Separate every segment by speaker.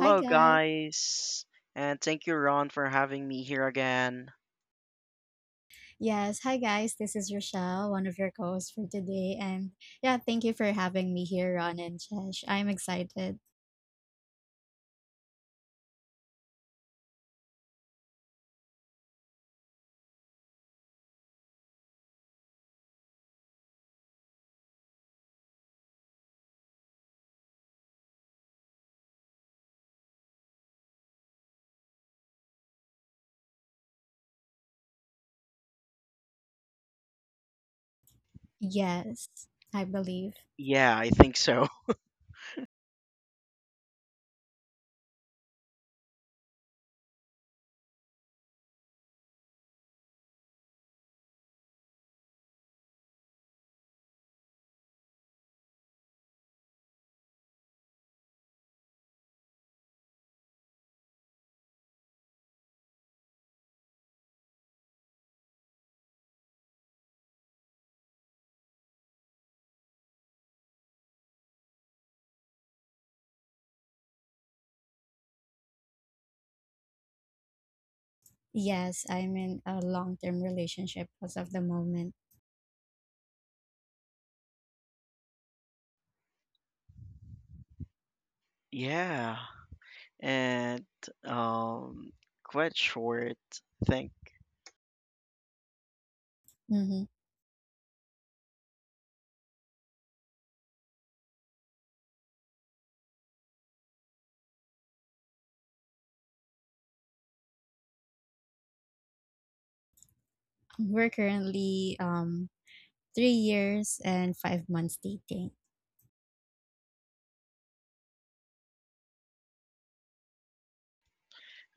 Speaker 1: Hi guys.
Speaker 2: guys, and thank you, Ron, for having me here again.
Speaker 1: Yes, hi guys. This is Rochelle, one of your co-hosts for today. And yeah, thank you for having me here, Ron and Chesh. I'm excited. Yes, I believe.
Speaker 2: Yeah, I think so.
Speaker 1: Yes, I'm in a long-term relationship as of the moment.
Speaker 2: Yeah, and um, quite short. I think
Speaker 1: Mm-hmm. We're currently 3 years and 5 months dating.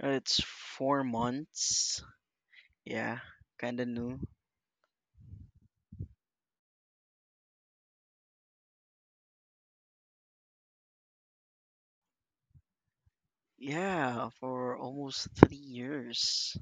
Speaker 2: it's 4 months. Yeah, kind of new. Yeah, for almost 3 years.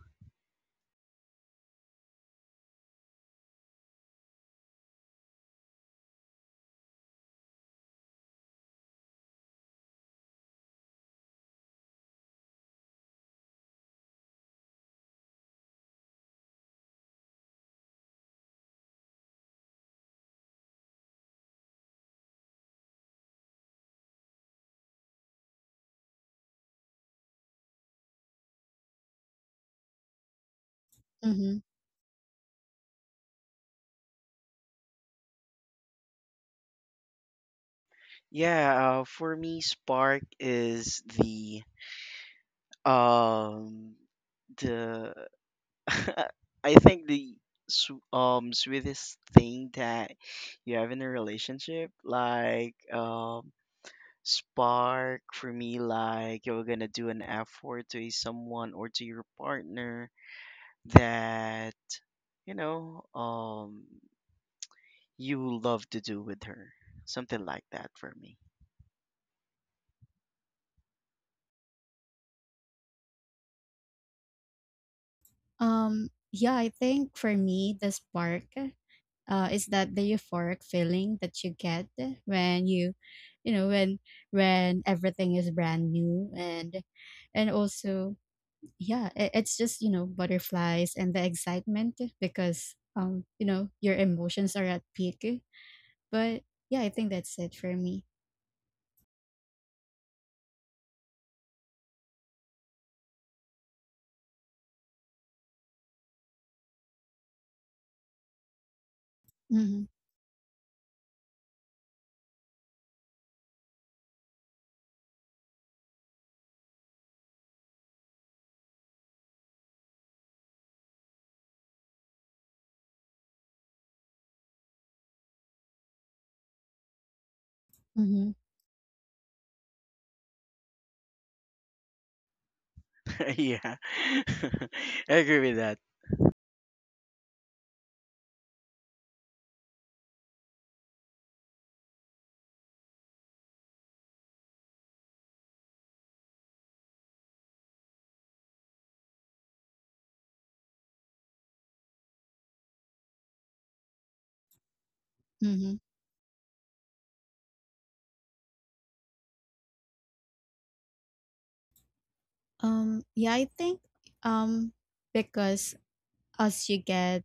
Speaker 1: Mm-hmm.
Speaker 2: Yeah, for me, Spark is um the I think the sweetest thing that you have in a relationship, like spark for me, like you're gonna do an effort to someone or to your partner that you know um you love to do with her, something like that for me.
Speaker 1: Yeah, I think for me the spark is that the euphoric feeling that you get when you know when everything is brand new and also yeah it's just butterflies and the excitement because you know your emotions are at peak. But yeah, I think that's it for me. Mm-hmm, mm-hmm,
Speaker 2: Yeah, I agree with that.
Speaker 1: mm-hmm. Yeah, I think um because as you get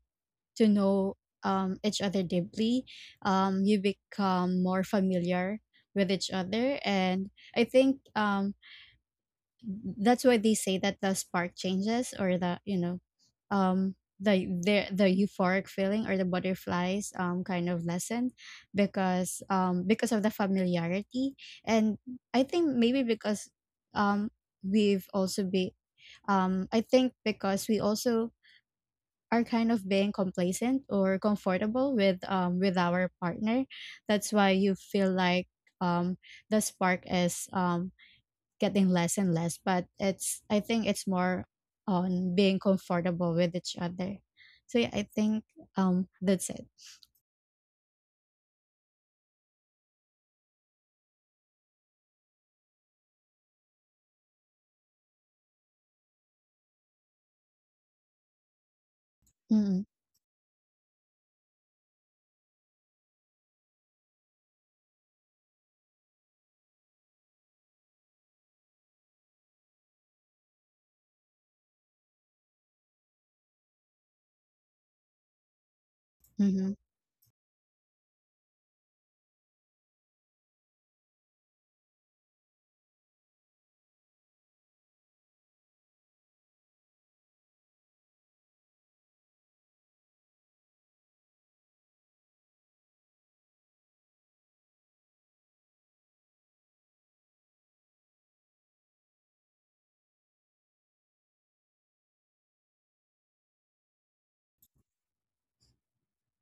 Speaker 1: to know each other deeply. You become more familiar with each other, and I think that's why they say that the spark changes or the the euphoric feeling or the butterflies kind of lesson because of the familiarity. And I think maybe because um, we've also be I think because we also are kind of being complacent or comfortable with our partner, that's why you feel like um the spark is getting less and less, but it's, I think it's more on being comfortable with each other. So yeah, I think that's it. Mm-hmm. Mm-hmm.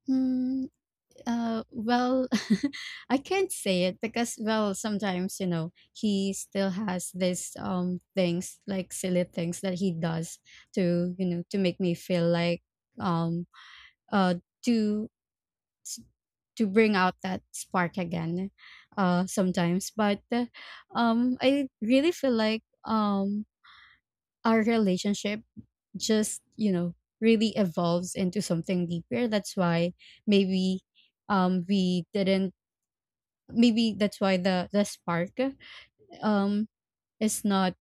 Speaker 1: Hmm. Well, I can't say it because, well, sometimes, you know, he still has this things, like silly things that he does to, you know, to make me feel like um uh to to bring out that spark again sometimes. But I really feel like our relationship just, you know, really evolves into something deeper. That's why maybe we didn't, maybe that's why the spark um is not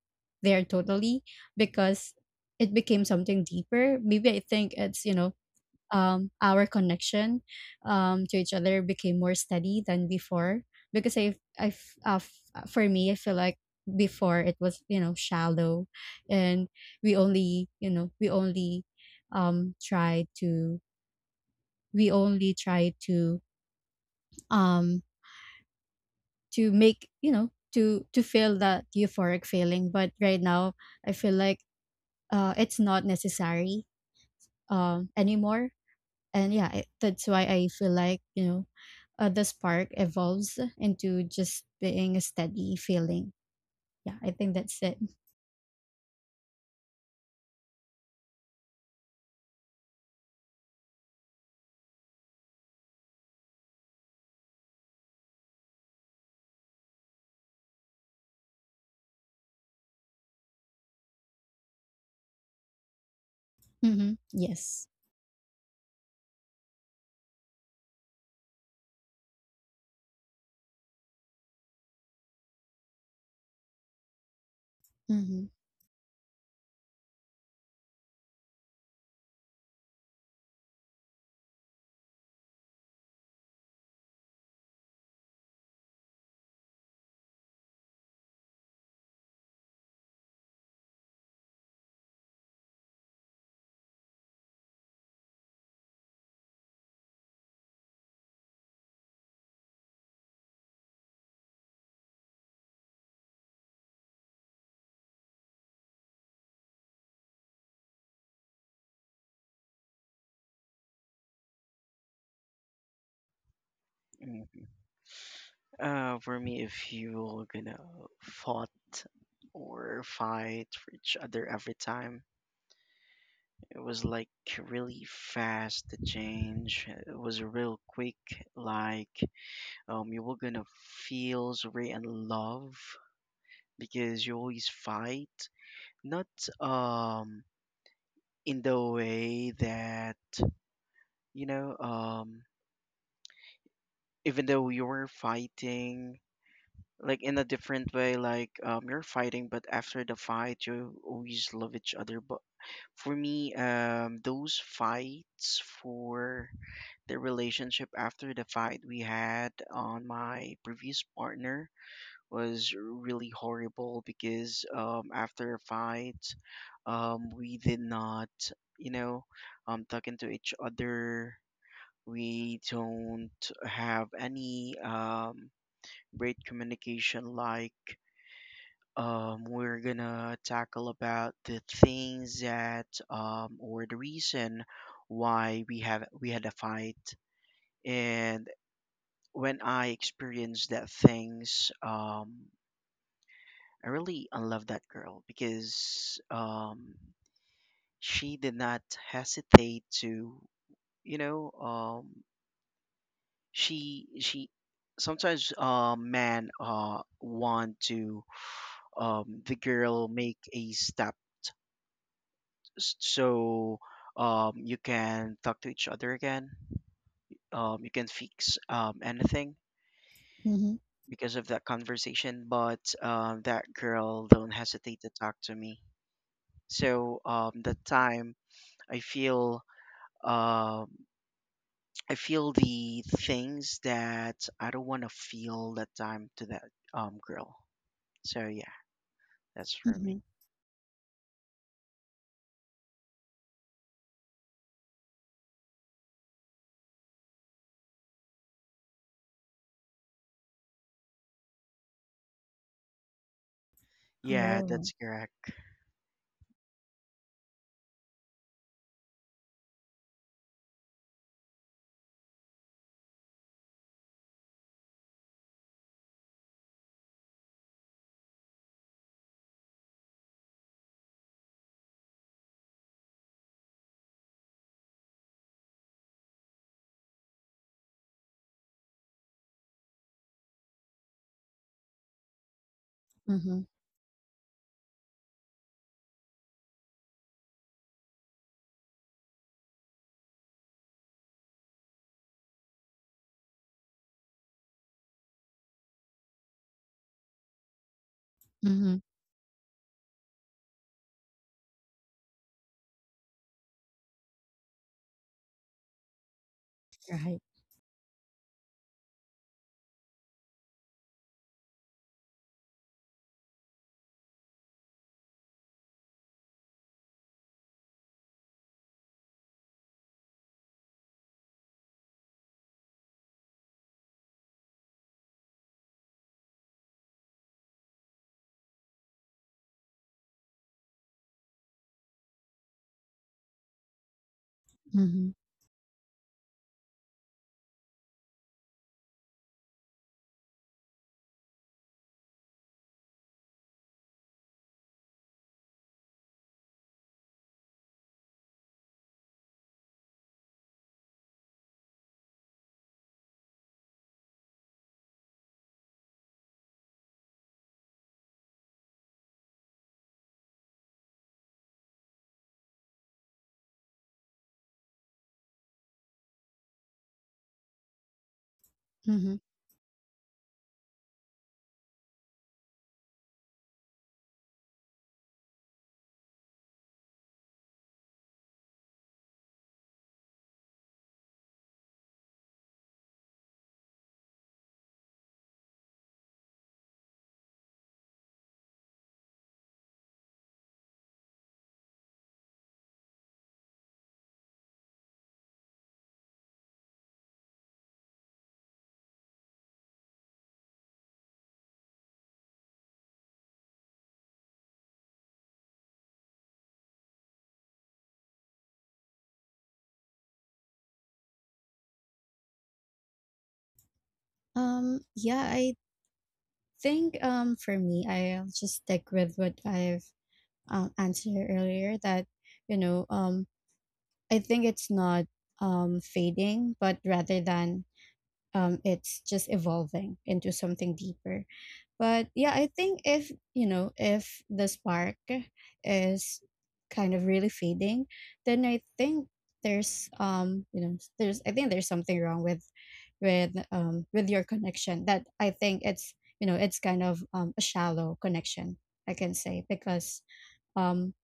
Speaker 1: there totally, because it became something deeper. Maybe, I think it's, you know, our connection to each other became more steady than before. Because for me, I feel like before it was, you know, shallow, and we only, you know, um try to we only try um to make you know to feel that euphoric feeling, but right now I feel like it's not necessary anymore. And yeah, that's why I feel like, you know, the spark evolves into just being a steady feeling. Yeah, I think that's it. Mm-hmm. Yes. Mm-hmm.
Speaker 2: Mm. For me, if you're gonna fought or fight for each other every time, it was like really fast the change. It was real quick. Like you were gonna feel so and love because you always fight. Not um in the way that you know um even though you were fighting like in a different way you're fighting, but after the fight you always love each other. But for me those fights for the relationship after the fight we had on my previous partner was really horrible because after a fight we did not you know talking to each other, we don't have any great communication, we're gonna tackle about the things that or the reason why we had a fight. And when I experienced that things I really unloved that girl because she did not hesitate to you know um, she sometimes men want to the girl make a step. So you can talk to each other again. You can fix anything
Speaker 1: Mm-hmm.
Speaker 2: because of that conversation. But that girl don't hesitate to talk to me. So that time I feel um, I feel the things that I don't want to feel that time to that girl. So yeah, that's for me.
Speaker 1: Mm-hmm.
Speaker 2: Yeah,
Speaker 1: Oh,
Speaker 2: that's correct.
Speaker 1: mm-hmm. Mm-hmm. Right. Mm-hmm. Mm-hmm. Yeah, I think for me I'll just stick with what I've answer earlier, that you know, I think it's not fading, but rather than it's just evolving into something deeper. But yeah, I think if, you know, if the spark is kind of really fading, then I think there's there's, I think there's something wrong with with your connection, that I think it's, you know, it's kind of a shallow connection, I can say, because um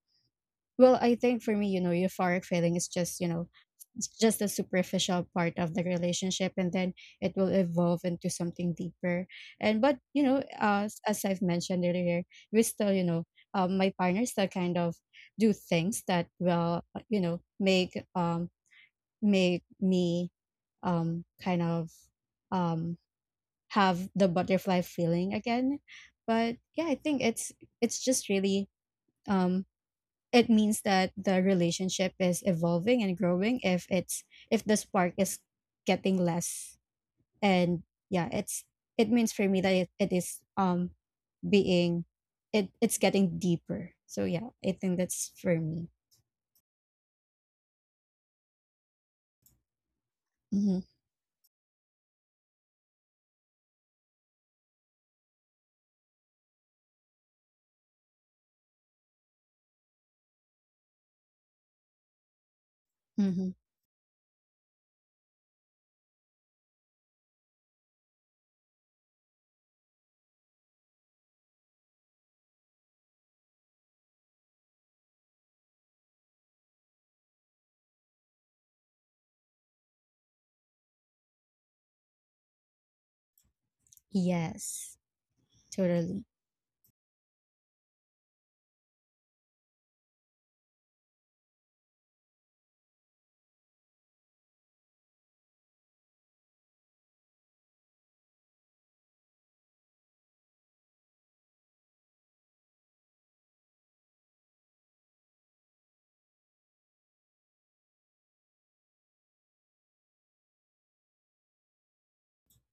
Speaker 1: well, I think for me, you know, euphoric feeling is just, you know, it's just a superficial part of the relationship, and then it will evolve into something deeper. And but, you know, as I've mentioned earlier, we still, you know, my partner still kind of do things that will, you know, make make me kind of um have the butterfly feeling again. But yeah, I think it's just really um it means that the relationship is evolving and growing, if it's, if the spark is getting less. And yeah, it's, it means for me that it is being it it's getting deeper. So yeah, I think that's for me. Mm-hmm. Mm-hmm. Yes, totally.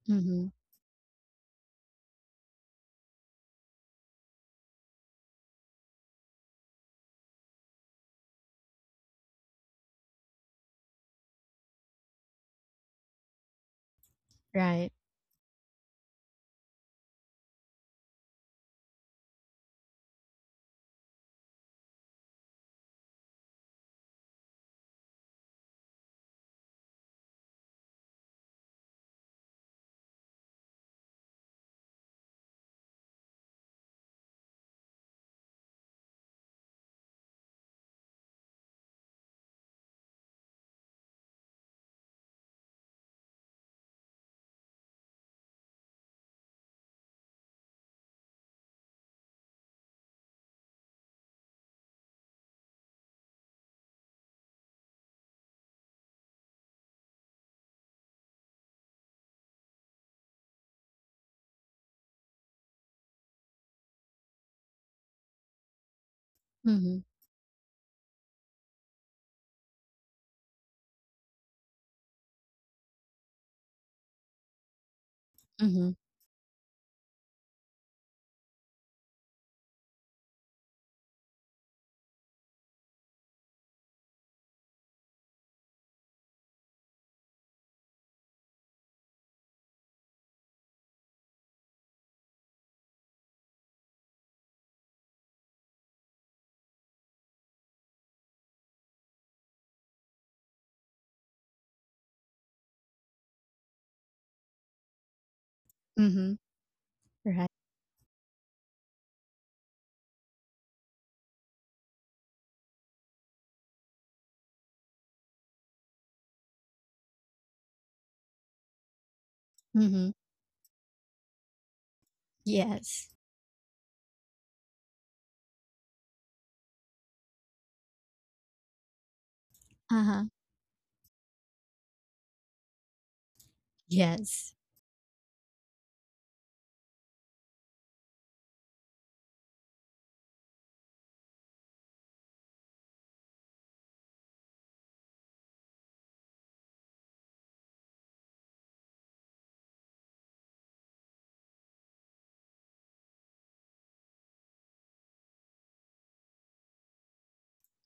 Speaker 1: Mm-hmm. Right. Mm-hmm. Mm-hmm. Mm-hmm. Right. Mm-hmm. Yes. Uh-huh. Yes.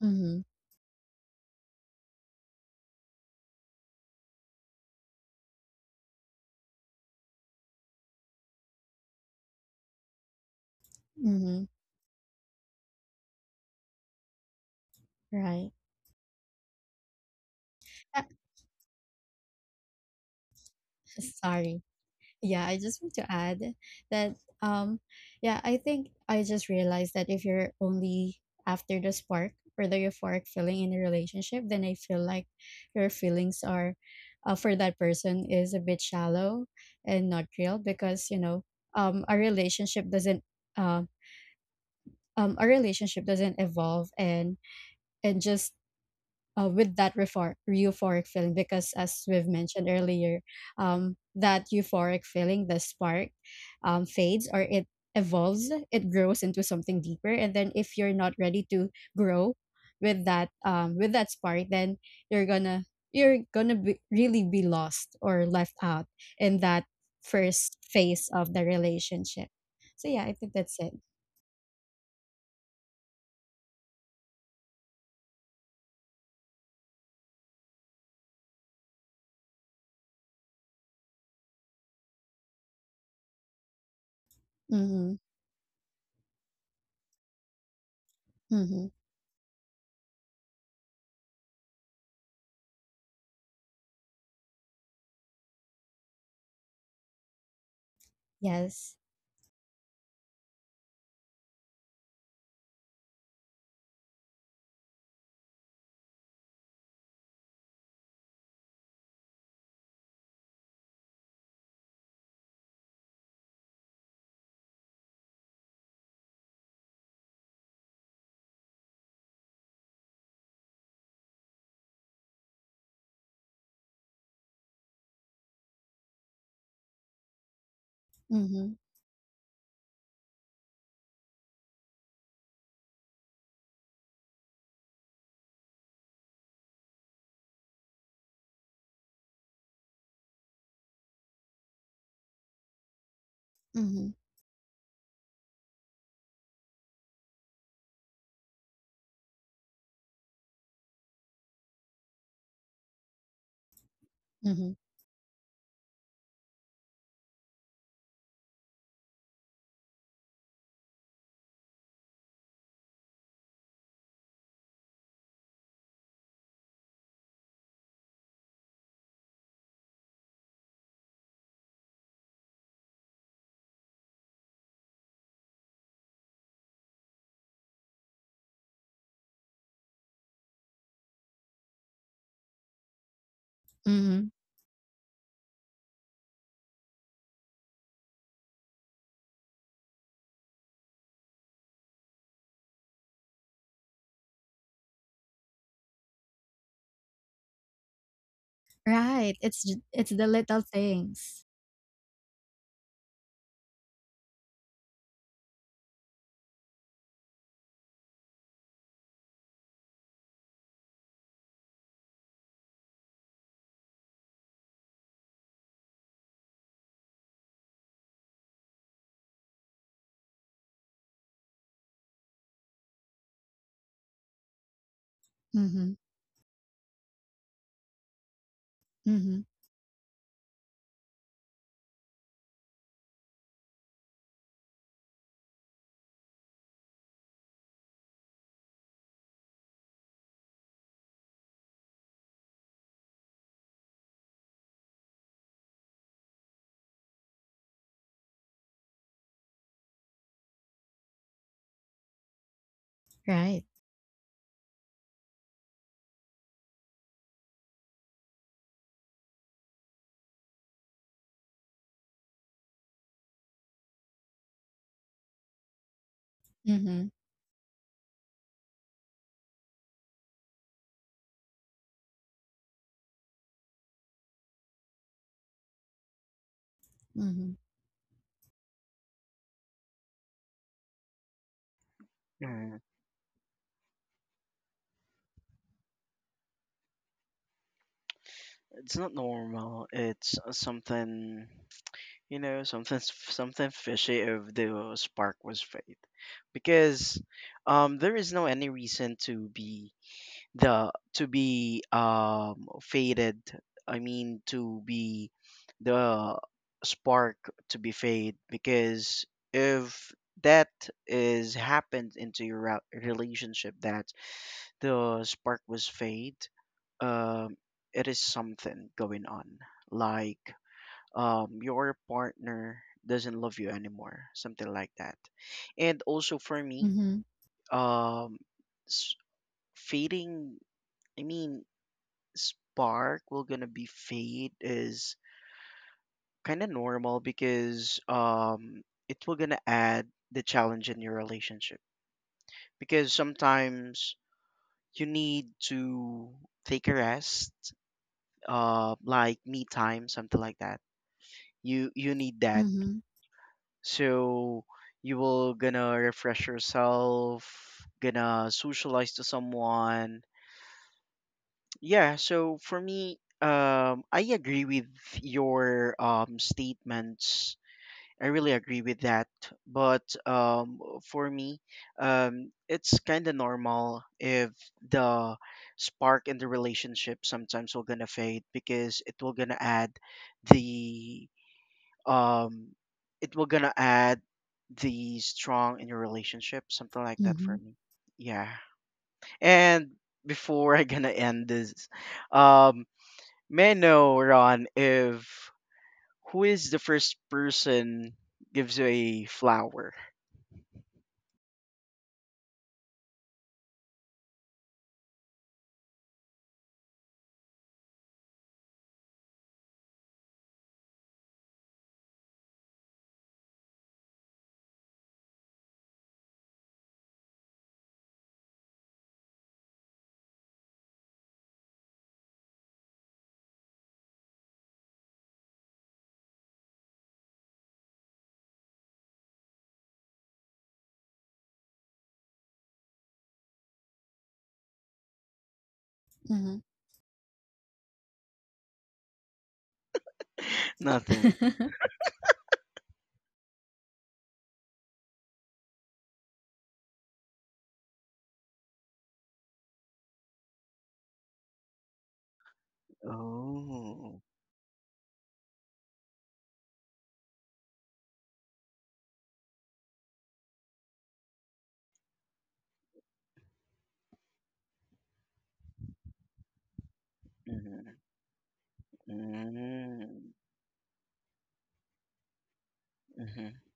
Speaker 1: Mm-hmm. Mm-hmm. Right. Uh, sorry, yeah, I just want to add that um yeah, I think I just realized that if you're only after the spark or the euphoric feeling in a relationship, then I feel like your feelings are for that person is a bit shallow and not real, because you know, um a relationship doesn't uh, a relationship doesn't evolve and just with that euphoric feeling, because as we've mentioned earlier, that euphoric feeling, the spark, fades or it evolves, it grows into something deeper. And then if you're not ready to grow with that spark, then you're gonna, really be lost or left out in that first phase of the relationship. So yeah, I think that's it. Mm-hmm, mm-hmm. Yes. Mm-hmm, mm-hmm, mm-hmm, mm-hmm. Right, it's j it's the little things. Mhm, mhm, right. Mhm, mhm,
Speaker 2: Mm, it's not normal. It's something. You know, something fishy of the spark was fade, because there is no any reason to be faded. I mean, to be the spark to be fade, because if that is happened into your relationship that the spark was fade, um, it is something going on. Like your partner doesn't love you anymore, something like that. And also for me
Speaker 1: mhm,
Speaker 2: um s- fading, I mean spark will gonna be fade is kind of normal because it will gonna add the challenge in your relationship, because sometimes you need to take a rest, like me time, something like that. You need that,
Speaker 1: mhm,
Speaker 2: so you will gonna refresh yourself, gonna socialize to someone. Yeah, so for me I agree with your statements. I really agree with that. But for me it's kind of normal if the spark in the relationship sometimes will gonna fade, because it will gonna add the um it will gonna add the strong in your relationship, something like that for
Speaker 1: mhm,
Speaker 2: me. Yeah. And before I gonna end this um may I know, Ron, if who is the first person gives you a flower?
Speaker 1: mhm. Mhm,
Speaker 2: Nothing. Oh. Mm-hmm. Mm-hmm. Mm-hmm.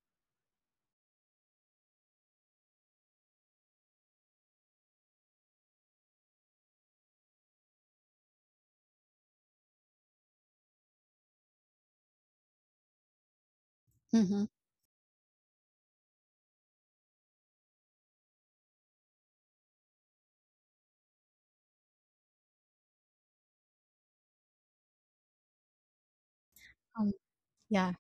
Speaker 1: um, yeah,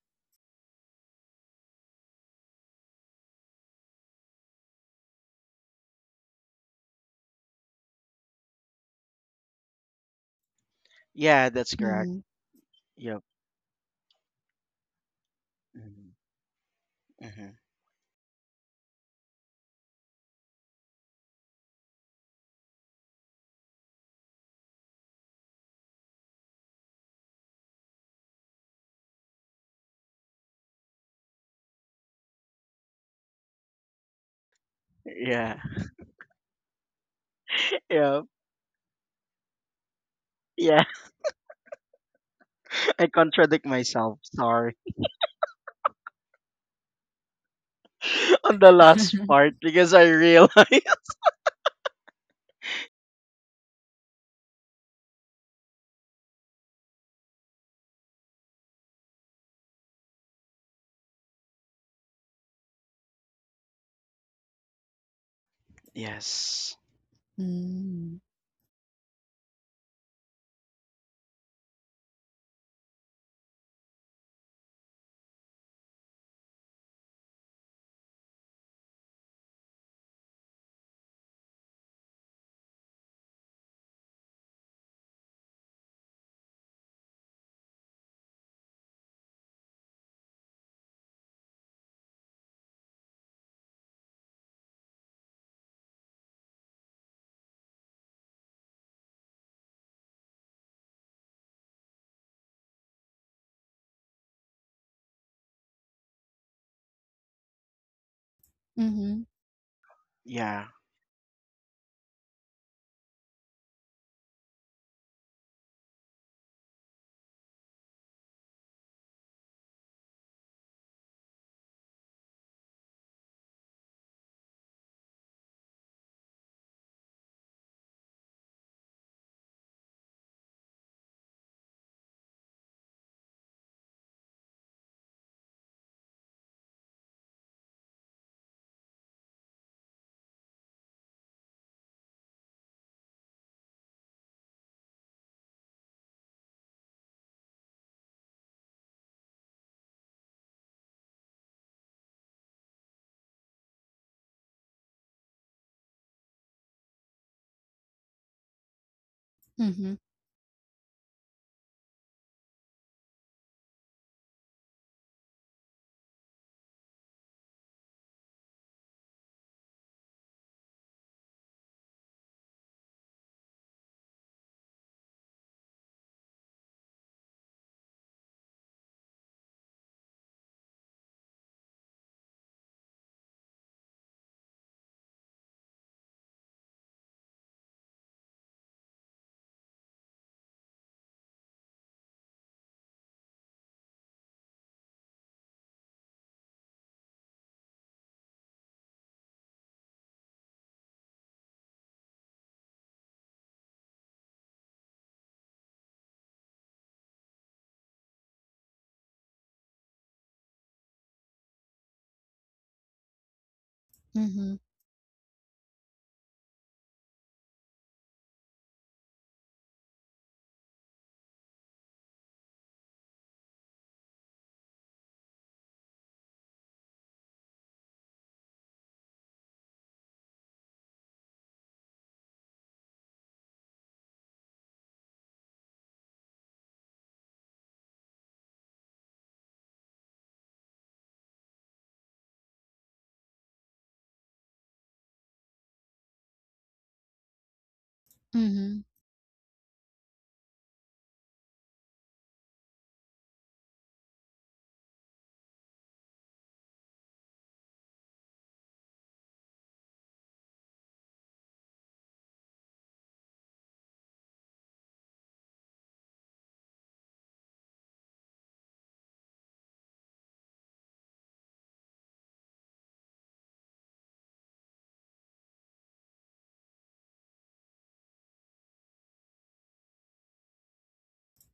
Speaker 2: Yeah, that's correct.
Speaker 1: mhm.
Speaker 2: Yep. Mm-hmm. Mm-hmm. Yeah. Yep. Yeah. I contradict myself. Sorry. on the last part because I realized. Yes.
Speaker 1: Mm. Mhm,
Speaker 2: Yeah.
Speaker 1: mhm, mhm, mhm,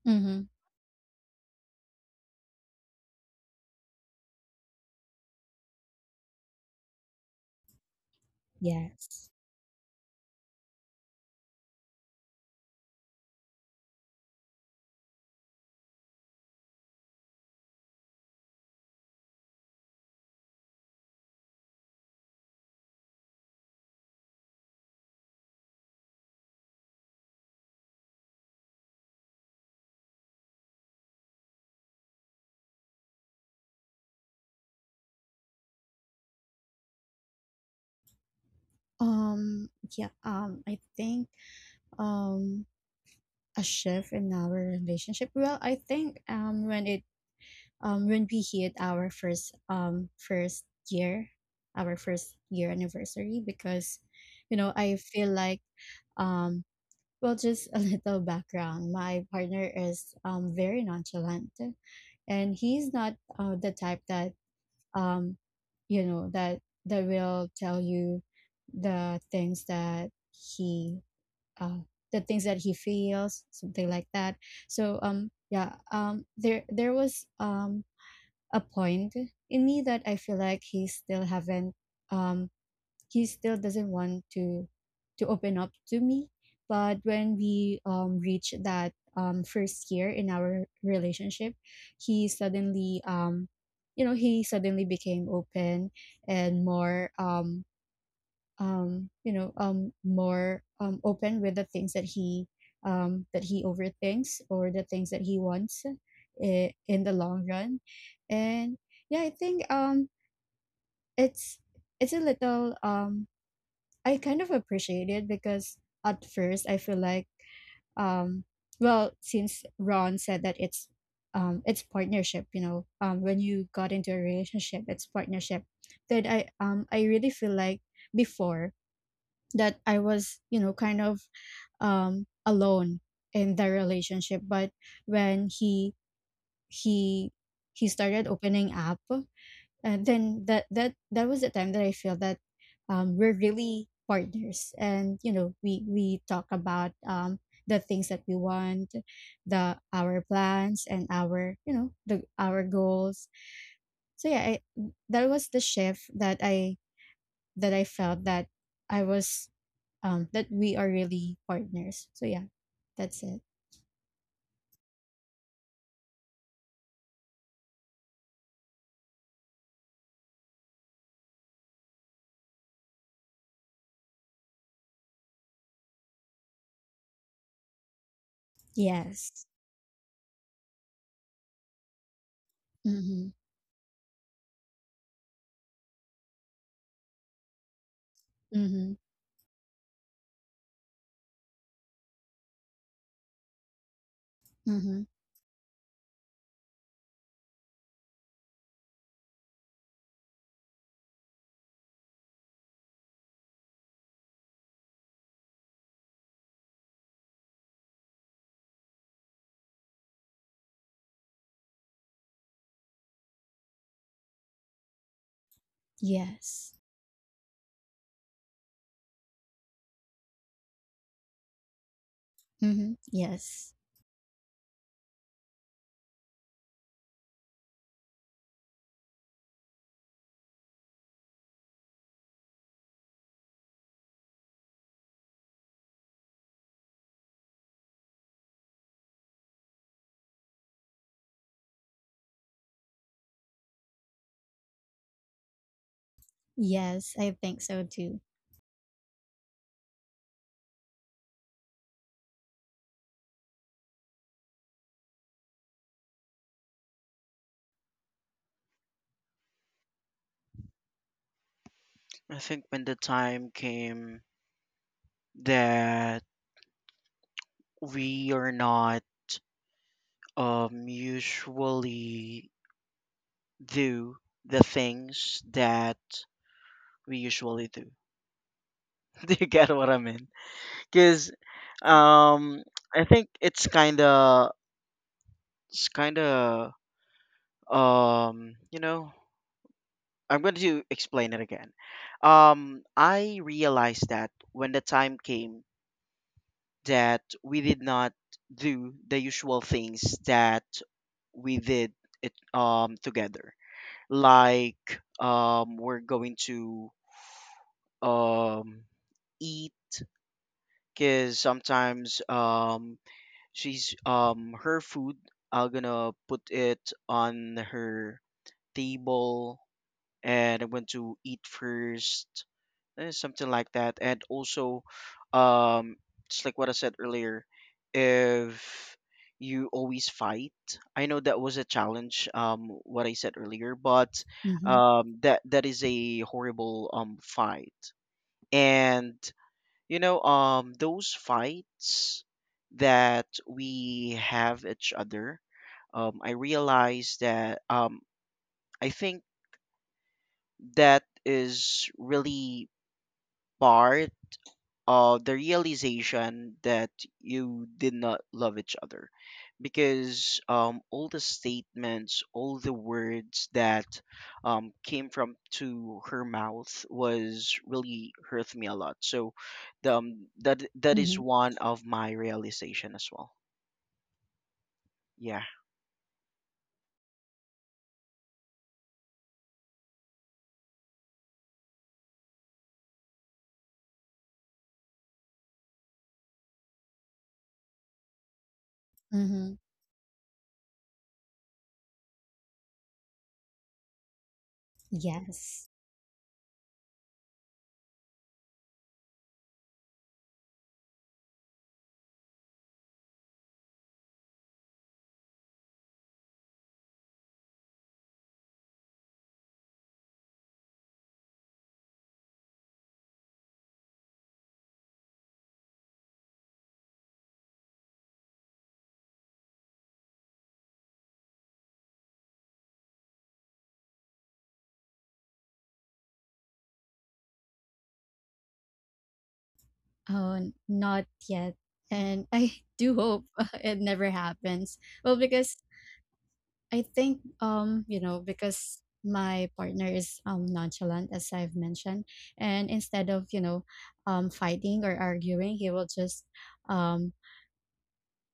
Speaker 1: mhm, yes. Um, yeah, I think, um, a shift in our relationship, well, I think, when it when we hit our first first year, our first year anniversary, because you know I feel like um well, just a little background. My partner is very nonchalant, and he's not the type that um you know that that will tell you the things that he uh the things that he feels, something like that. So yeah, there was a point in me that I feel like he still haven't um he still doesn't want to open up to me. But when we reached that first year in our relationship, he suddenly you know he suddenly became open and more you know, more open with the things that he overthinks, or the things that he wants in the long run. And yeah, I think it's it's a little I kind of appreciate it, because at first I feel like um, well, since Ron said that it's partnership, you know, when you got into a relationship, it's partnership. Then I really feel like before that I was, you know, kind of alone in the relationship. But when he he started opening up, and then that was the time that I feel that we're really partners, and you know we talk about the things that we want, the our plans and our, you know, the our goals. So yeah, that was the shift that I felt, that I was that we are really partners. So yeah, that's it. Yes. Mm-hmm. Mm-hmm. Mm-hmm. Yes. Mm-hmm. Yes. Yes, I think so too.
Speaker 2: I think when the time came that we are not usually do the things that we usually do. Do you get what I mean? Cuz um I think it's kind of it's kind of you know, I'm going to explain it again. I realized that when the time came that we did not do the usual things that we did it together, we're going to um eat because sometimes she's her food I'm gonna put it on her table and I'm going to eat first, eh, something like that. And also, um, just like what I said earlier, if you always fight, I know that was a challenge. What I said earlier, but
Speaker 1: Mm-hmm.
Speaker 2: that is a horrible fight. And you know, those fights that we have each other, I realize that I think that is really part of the realization that you did not love each other, because all the statements, all the words that came from to her mouth was really hurt me a lot. So that is
Speaker 1: Mm-hmm.
Speaker 2: one of my realization as well. Yeah.
Speaker 1: Mm-hmm. Yes. Oh, not yet, and I do hope it never happens. Well, because I think you know, because my partner is nonchalant, as I've mentioned, and instead of, you know, fighting or arguing, um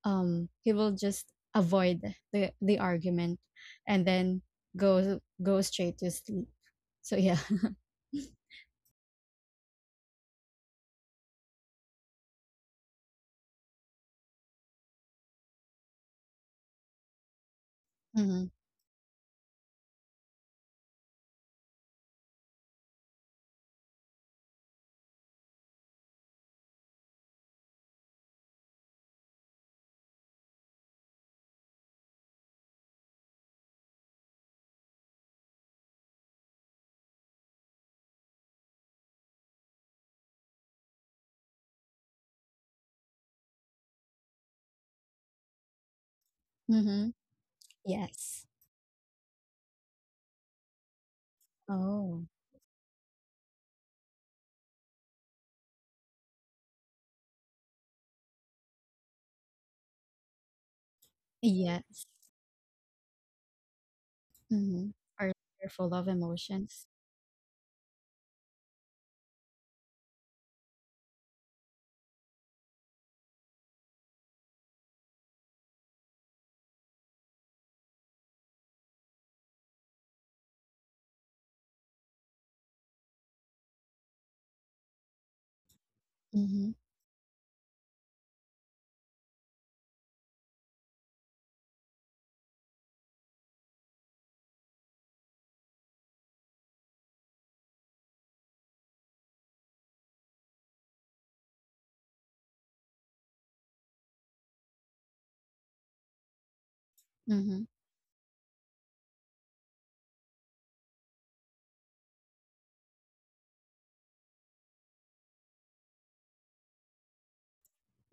Speaker 1: he will just avoid the argument and then go straight to sleep. So yeah. Mm-hmm. Mm-hmm. Yes. Oh, yes. Mhm. Are you full of emotions? Mhm. Mhm.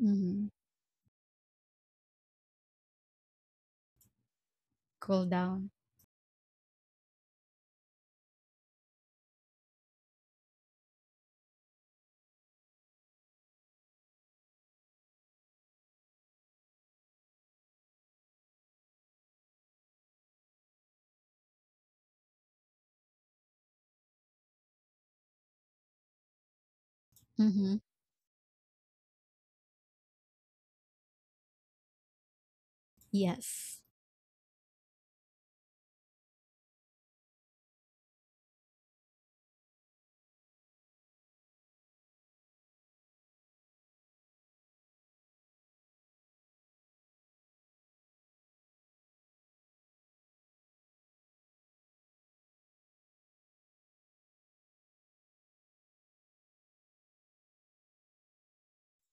Speaker 1: Mhm. Cool down. Mhm. Yes.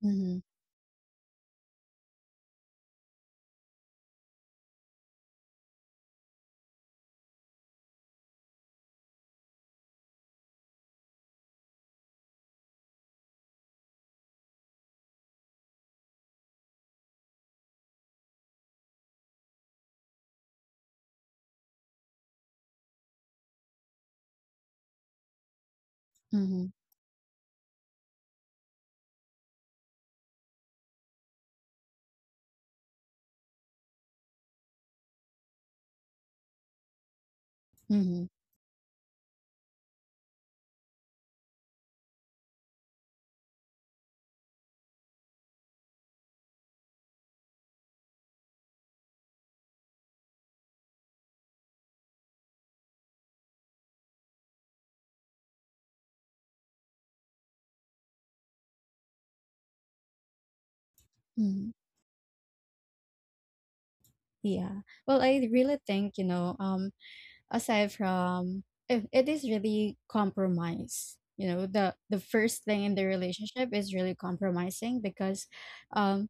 Speaker 1: Mhm. Mhm. Mhm. Mhm. Yeah. Well, I really think, you know, aside from it, it is really compromise. You know, the first thing in the relationship is really compromising, because um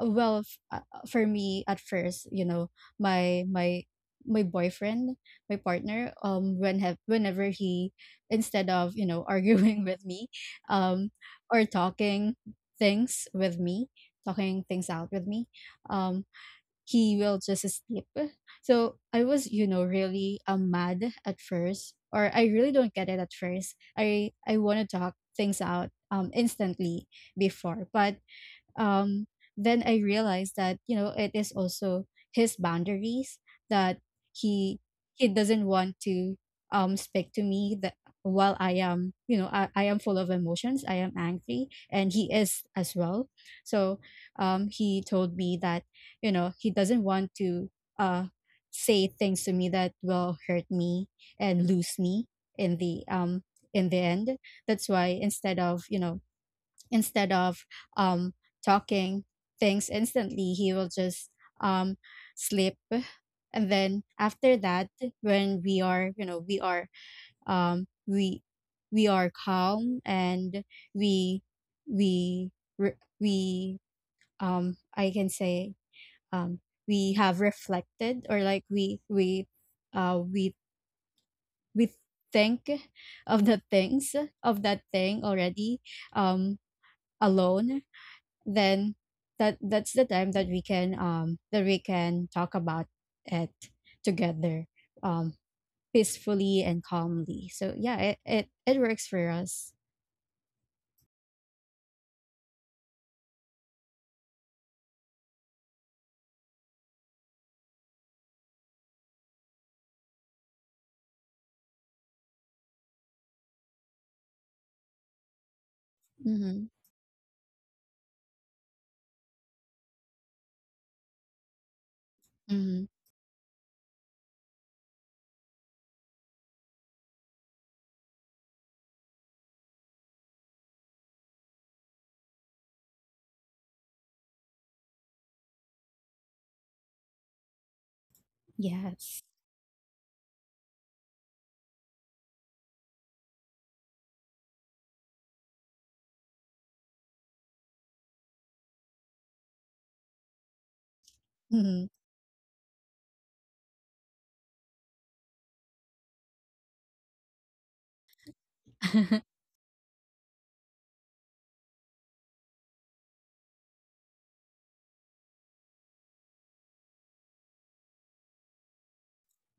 Speaker 1: well for me at first, you know, my my my boyfriend, my partner, when have whenever he, instead of, you know, arguing with me um or talking things with me, talking things out with me, um he will just sleep. So I was, you know, really mad at first, or I really don't get it at first, I want to talk things out instantly before. But um, then I realized that you know, it is also his boundaries that he he doesn't want to speak to me that while I am, you know, I am full of emotions, I am angry, and he is as well. So he told me that you know, he doesn't want to uh say things to me that will hurt me and lose me in the um in the end. That's why instead of, you know, instead of um, talking things instantly, he will just um, sleep. And then after that, when we are, you know, um, we we are calm, and we we re- we I can say um we have reflected, or like uh we we think of the things of that thing already um alone. Then that, that's the time that we can talk about it together um peacefully and calmly. So yeah, it works for us. Mm-hmm. Mm-hmm. Yes. Mm-hmm.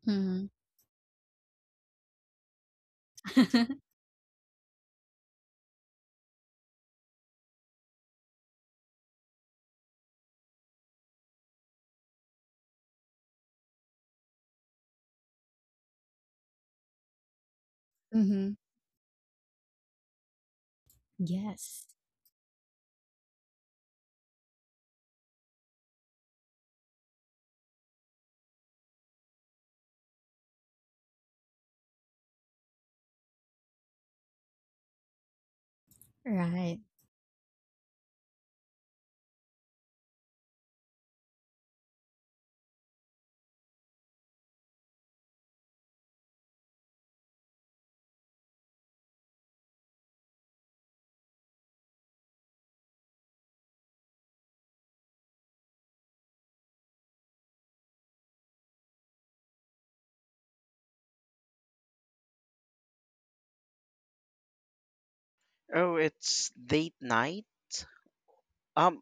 Speaker 1: Mm-hmm. Mm-hmm. Yes. Right.
Speaker 2: Oh, it's date night. um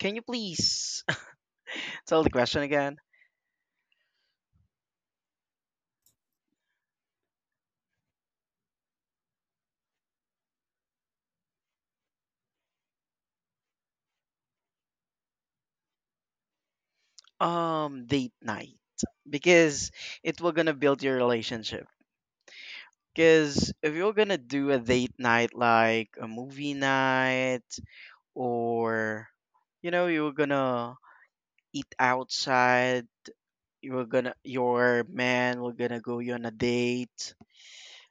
Speaker 2: can you please tell the question again? Date night, because it will gonna build your relationship. Because if you're gonna do a date night, like a movie night, or you know, you're gonna eat outside, you're gonna your man will gonna go you on a date.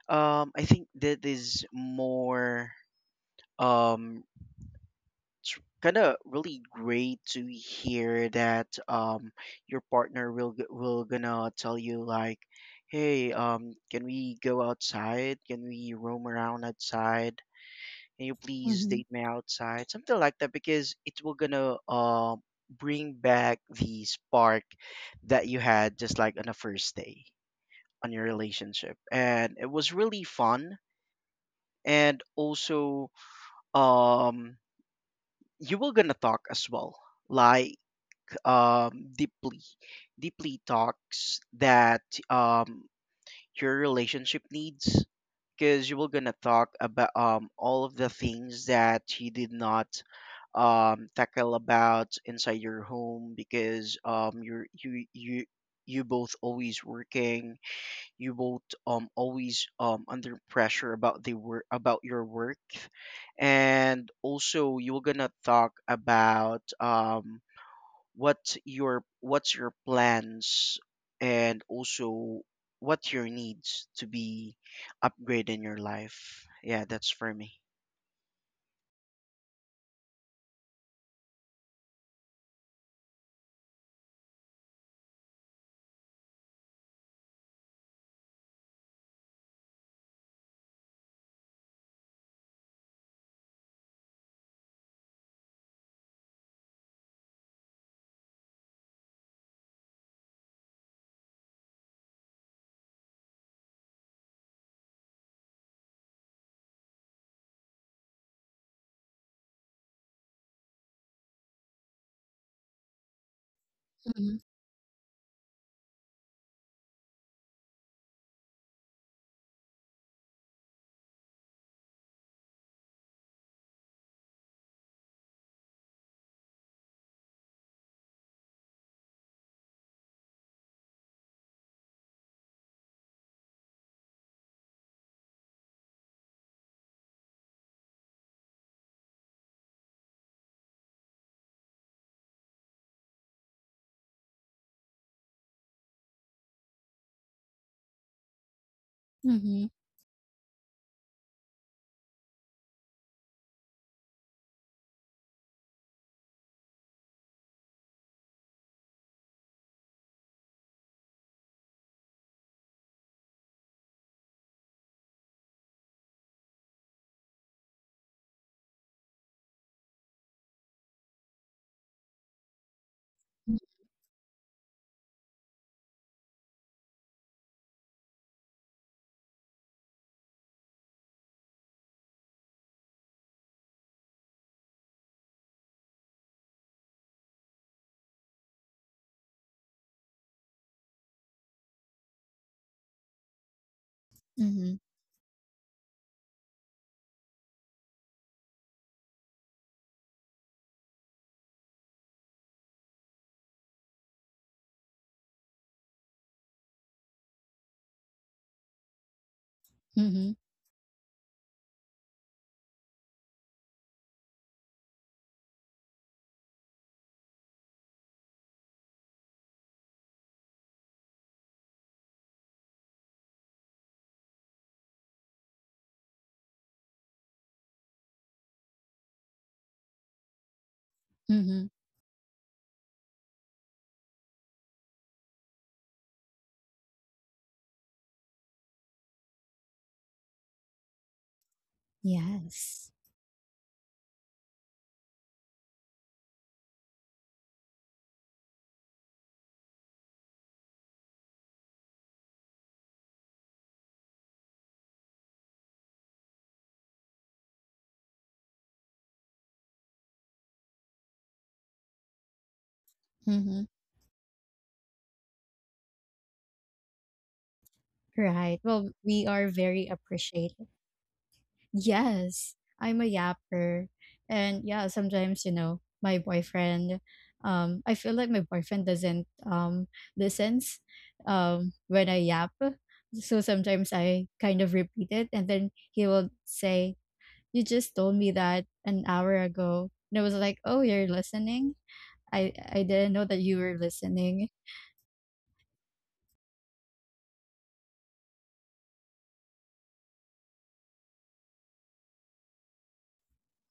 Speaker 2: I think that is more um kind of really great to hear that your partner will gonna tell you like, hey, can we go outside? Can we roam around outside? Can you please
Speaker 1: Mm-hmm.
Speaker 2: date me outside, something like that, because it will gonna bring back the spark that you had just like on the first day on your relationship. And it was really fun. And also um you were gonna talk as well, like um deeply, deeply talks that um your relationship needs, because you were gonna talk about all of the things that you did not tackle about inside your home because you you both always working, you both always under pressure about the work, about your work. And also you were gonna talk about what's your plans, and also what your needs to be upgraded in your life. Yeah, that's for me.
Speaker 1: Mm-hmm. Mm-hmm. Mm-hmm. Mm-hmm. Mm-hmm. Yes. Mm-hmm. Right. Well, we are very appreciative. Yes, I'm a yapper. And yeah, sometimes, you know, my boyfriend, I feel like my boyfriend doesn't listens when I yap. So sometimes I kind of repeat it, and then he will say, "You just told me that an hour ago." And I was like, "Oh, you're listening? I didn't know that you were listening."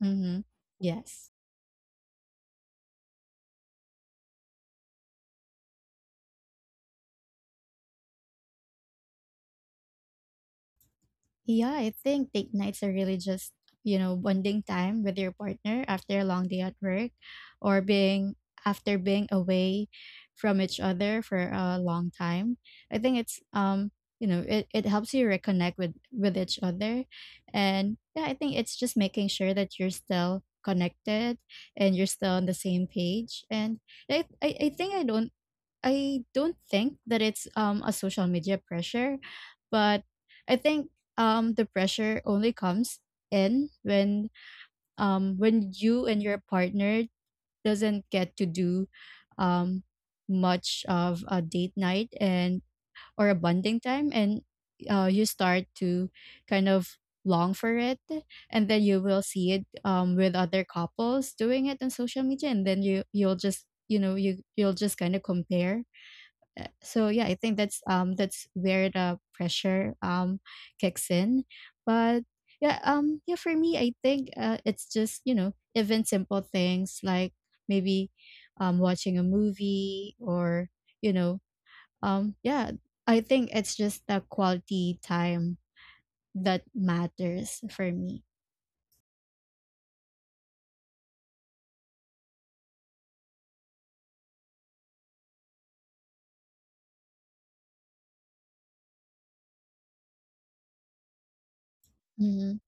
Speaker 1: Mm-hmm. Yes. Yeah, I think date nights are really just, you know, bonding time with your partner after a long day at work, or being after being away from each other for a long time. I think it's you know, it helps you reconnect with each other. And yeah, I think it's just making sure that you're still connected and you're still on the same page. And I think I don't, I don't think that it's a social media pressure, but I think the pressure only comes in when you and your partner doesn't get to do um much of a date night, and or a bonding time, and you start to kind of long for it, and then you will see it with other couples doing it on social media, and then you you'll just you know, you'll just kind of compare, so yeah, I think that's where the pressure kicks in. But yeah, yeah, for me, I think it's just, you know, even simple things like maybe watching a movie, or you know, yeah, I think it's just the quality time that matters for me. Mm-hmm.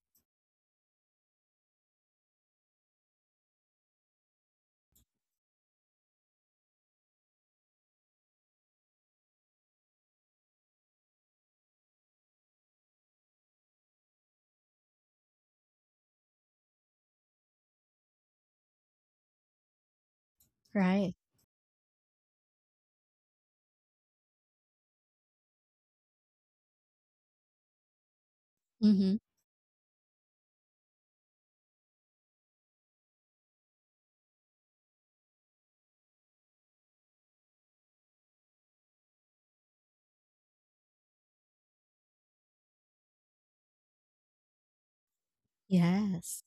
Speaker 1: Right. Mm-hmm. Yes.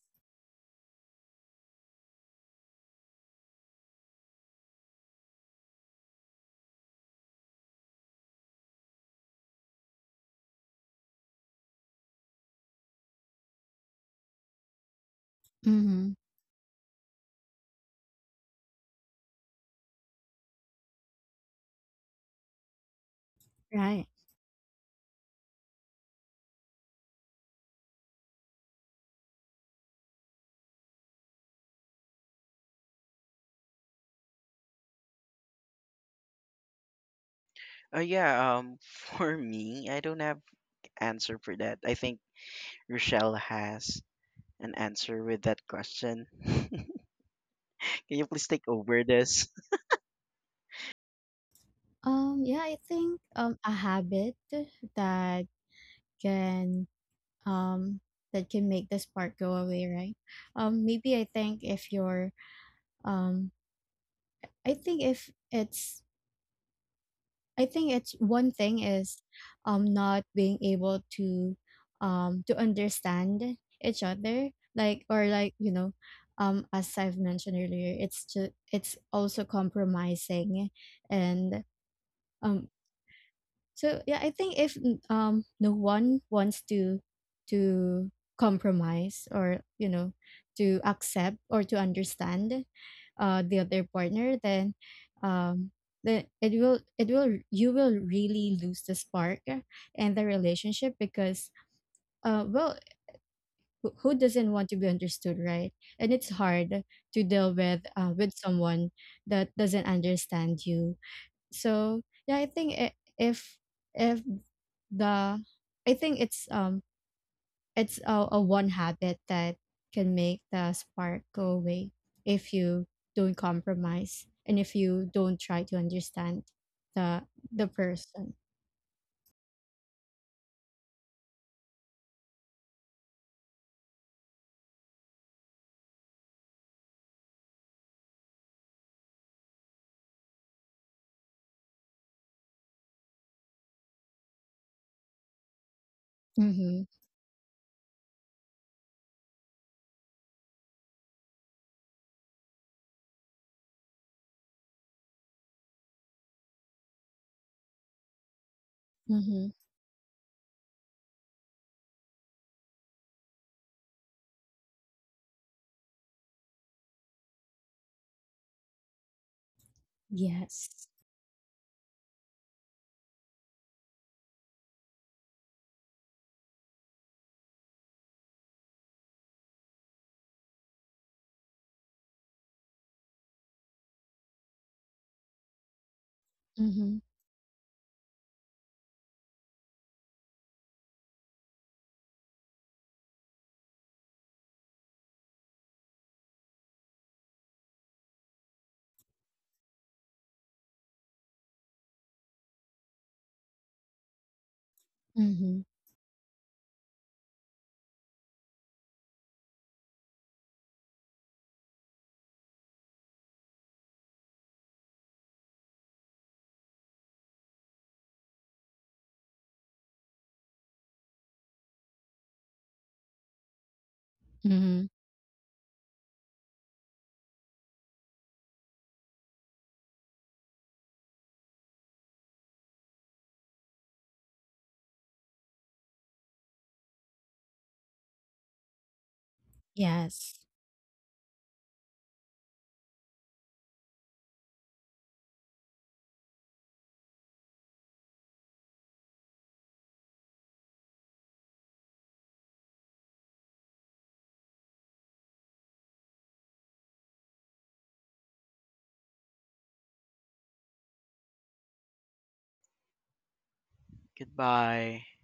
Speaker 1: Mm-hmm. Right.
Speaker 2: yeah, for me I don't have answer for that. I think Rochelle has an answer with that question. Can you please take over this?
Speaker 1: Yeah, I think a habit that can um make the spark go away, right, maybe, I think if you're, um I think if it's, I think it's one thing is not being able to understand each other, like, or like, you know, as I've mentioned earlier, it's just, it's also compromising. And um so yeah, I think if no one wants to to compromise, or you know, to accept or to understand the other partner, then um the it will it will, you will really lose the spark and the relationship, because well, who doesn't want to be understood, right? And it's hard to deal with someone that doesn't understand you. So yeah, I think if the, I think it's a one habit that can make the spark go away if you don't compromise and if you don't try to understand the person. Mhm. Mhm. Yes. Mhm. Mhm. Mhm. Yes.
Speaker 2: Goodbye.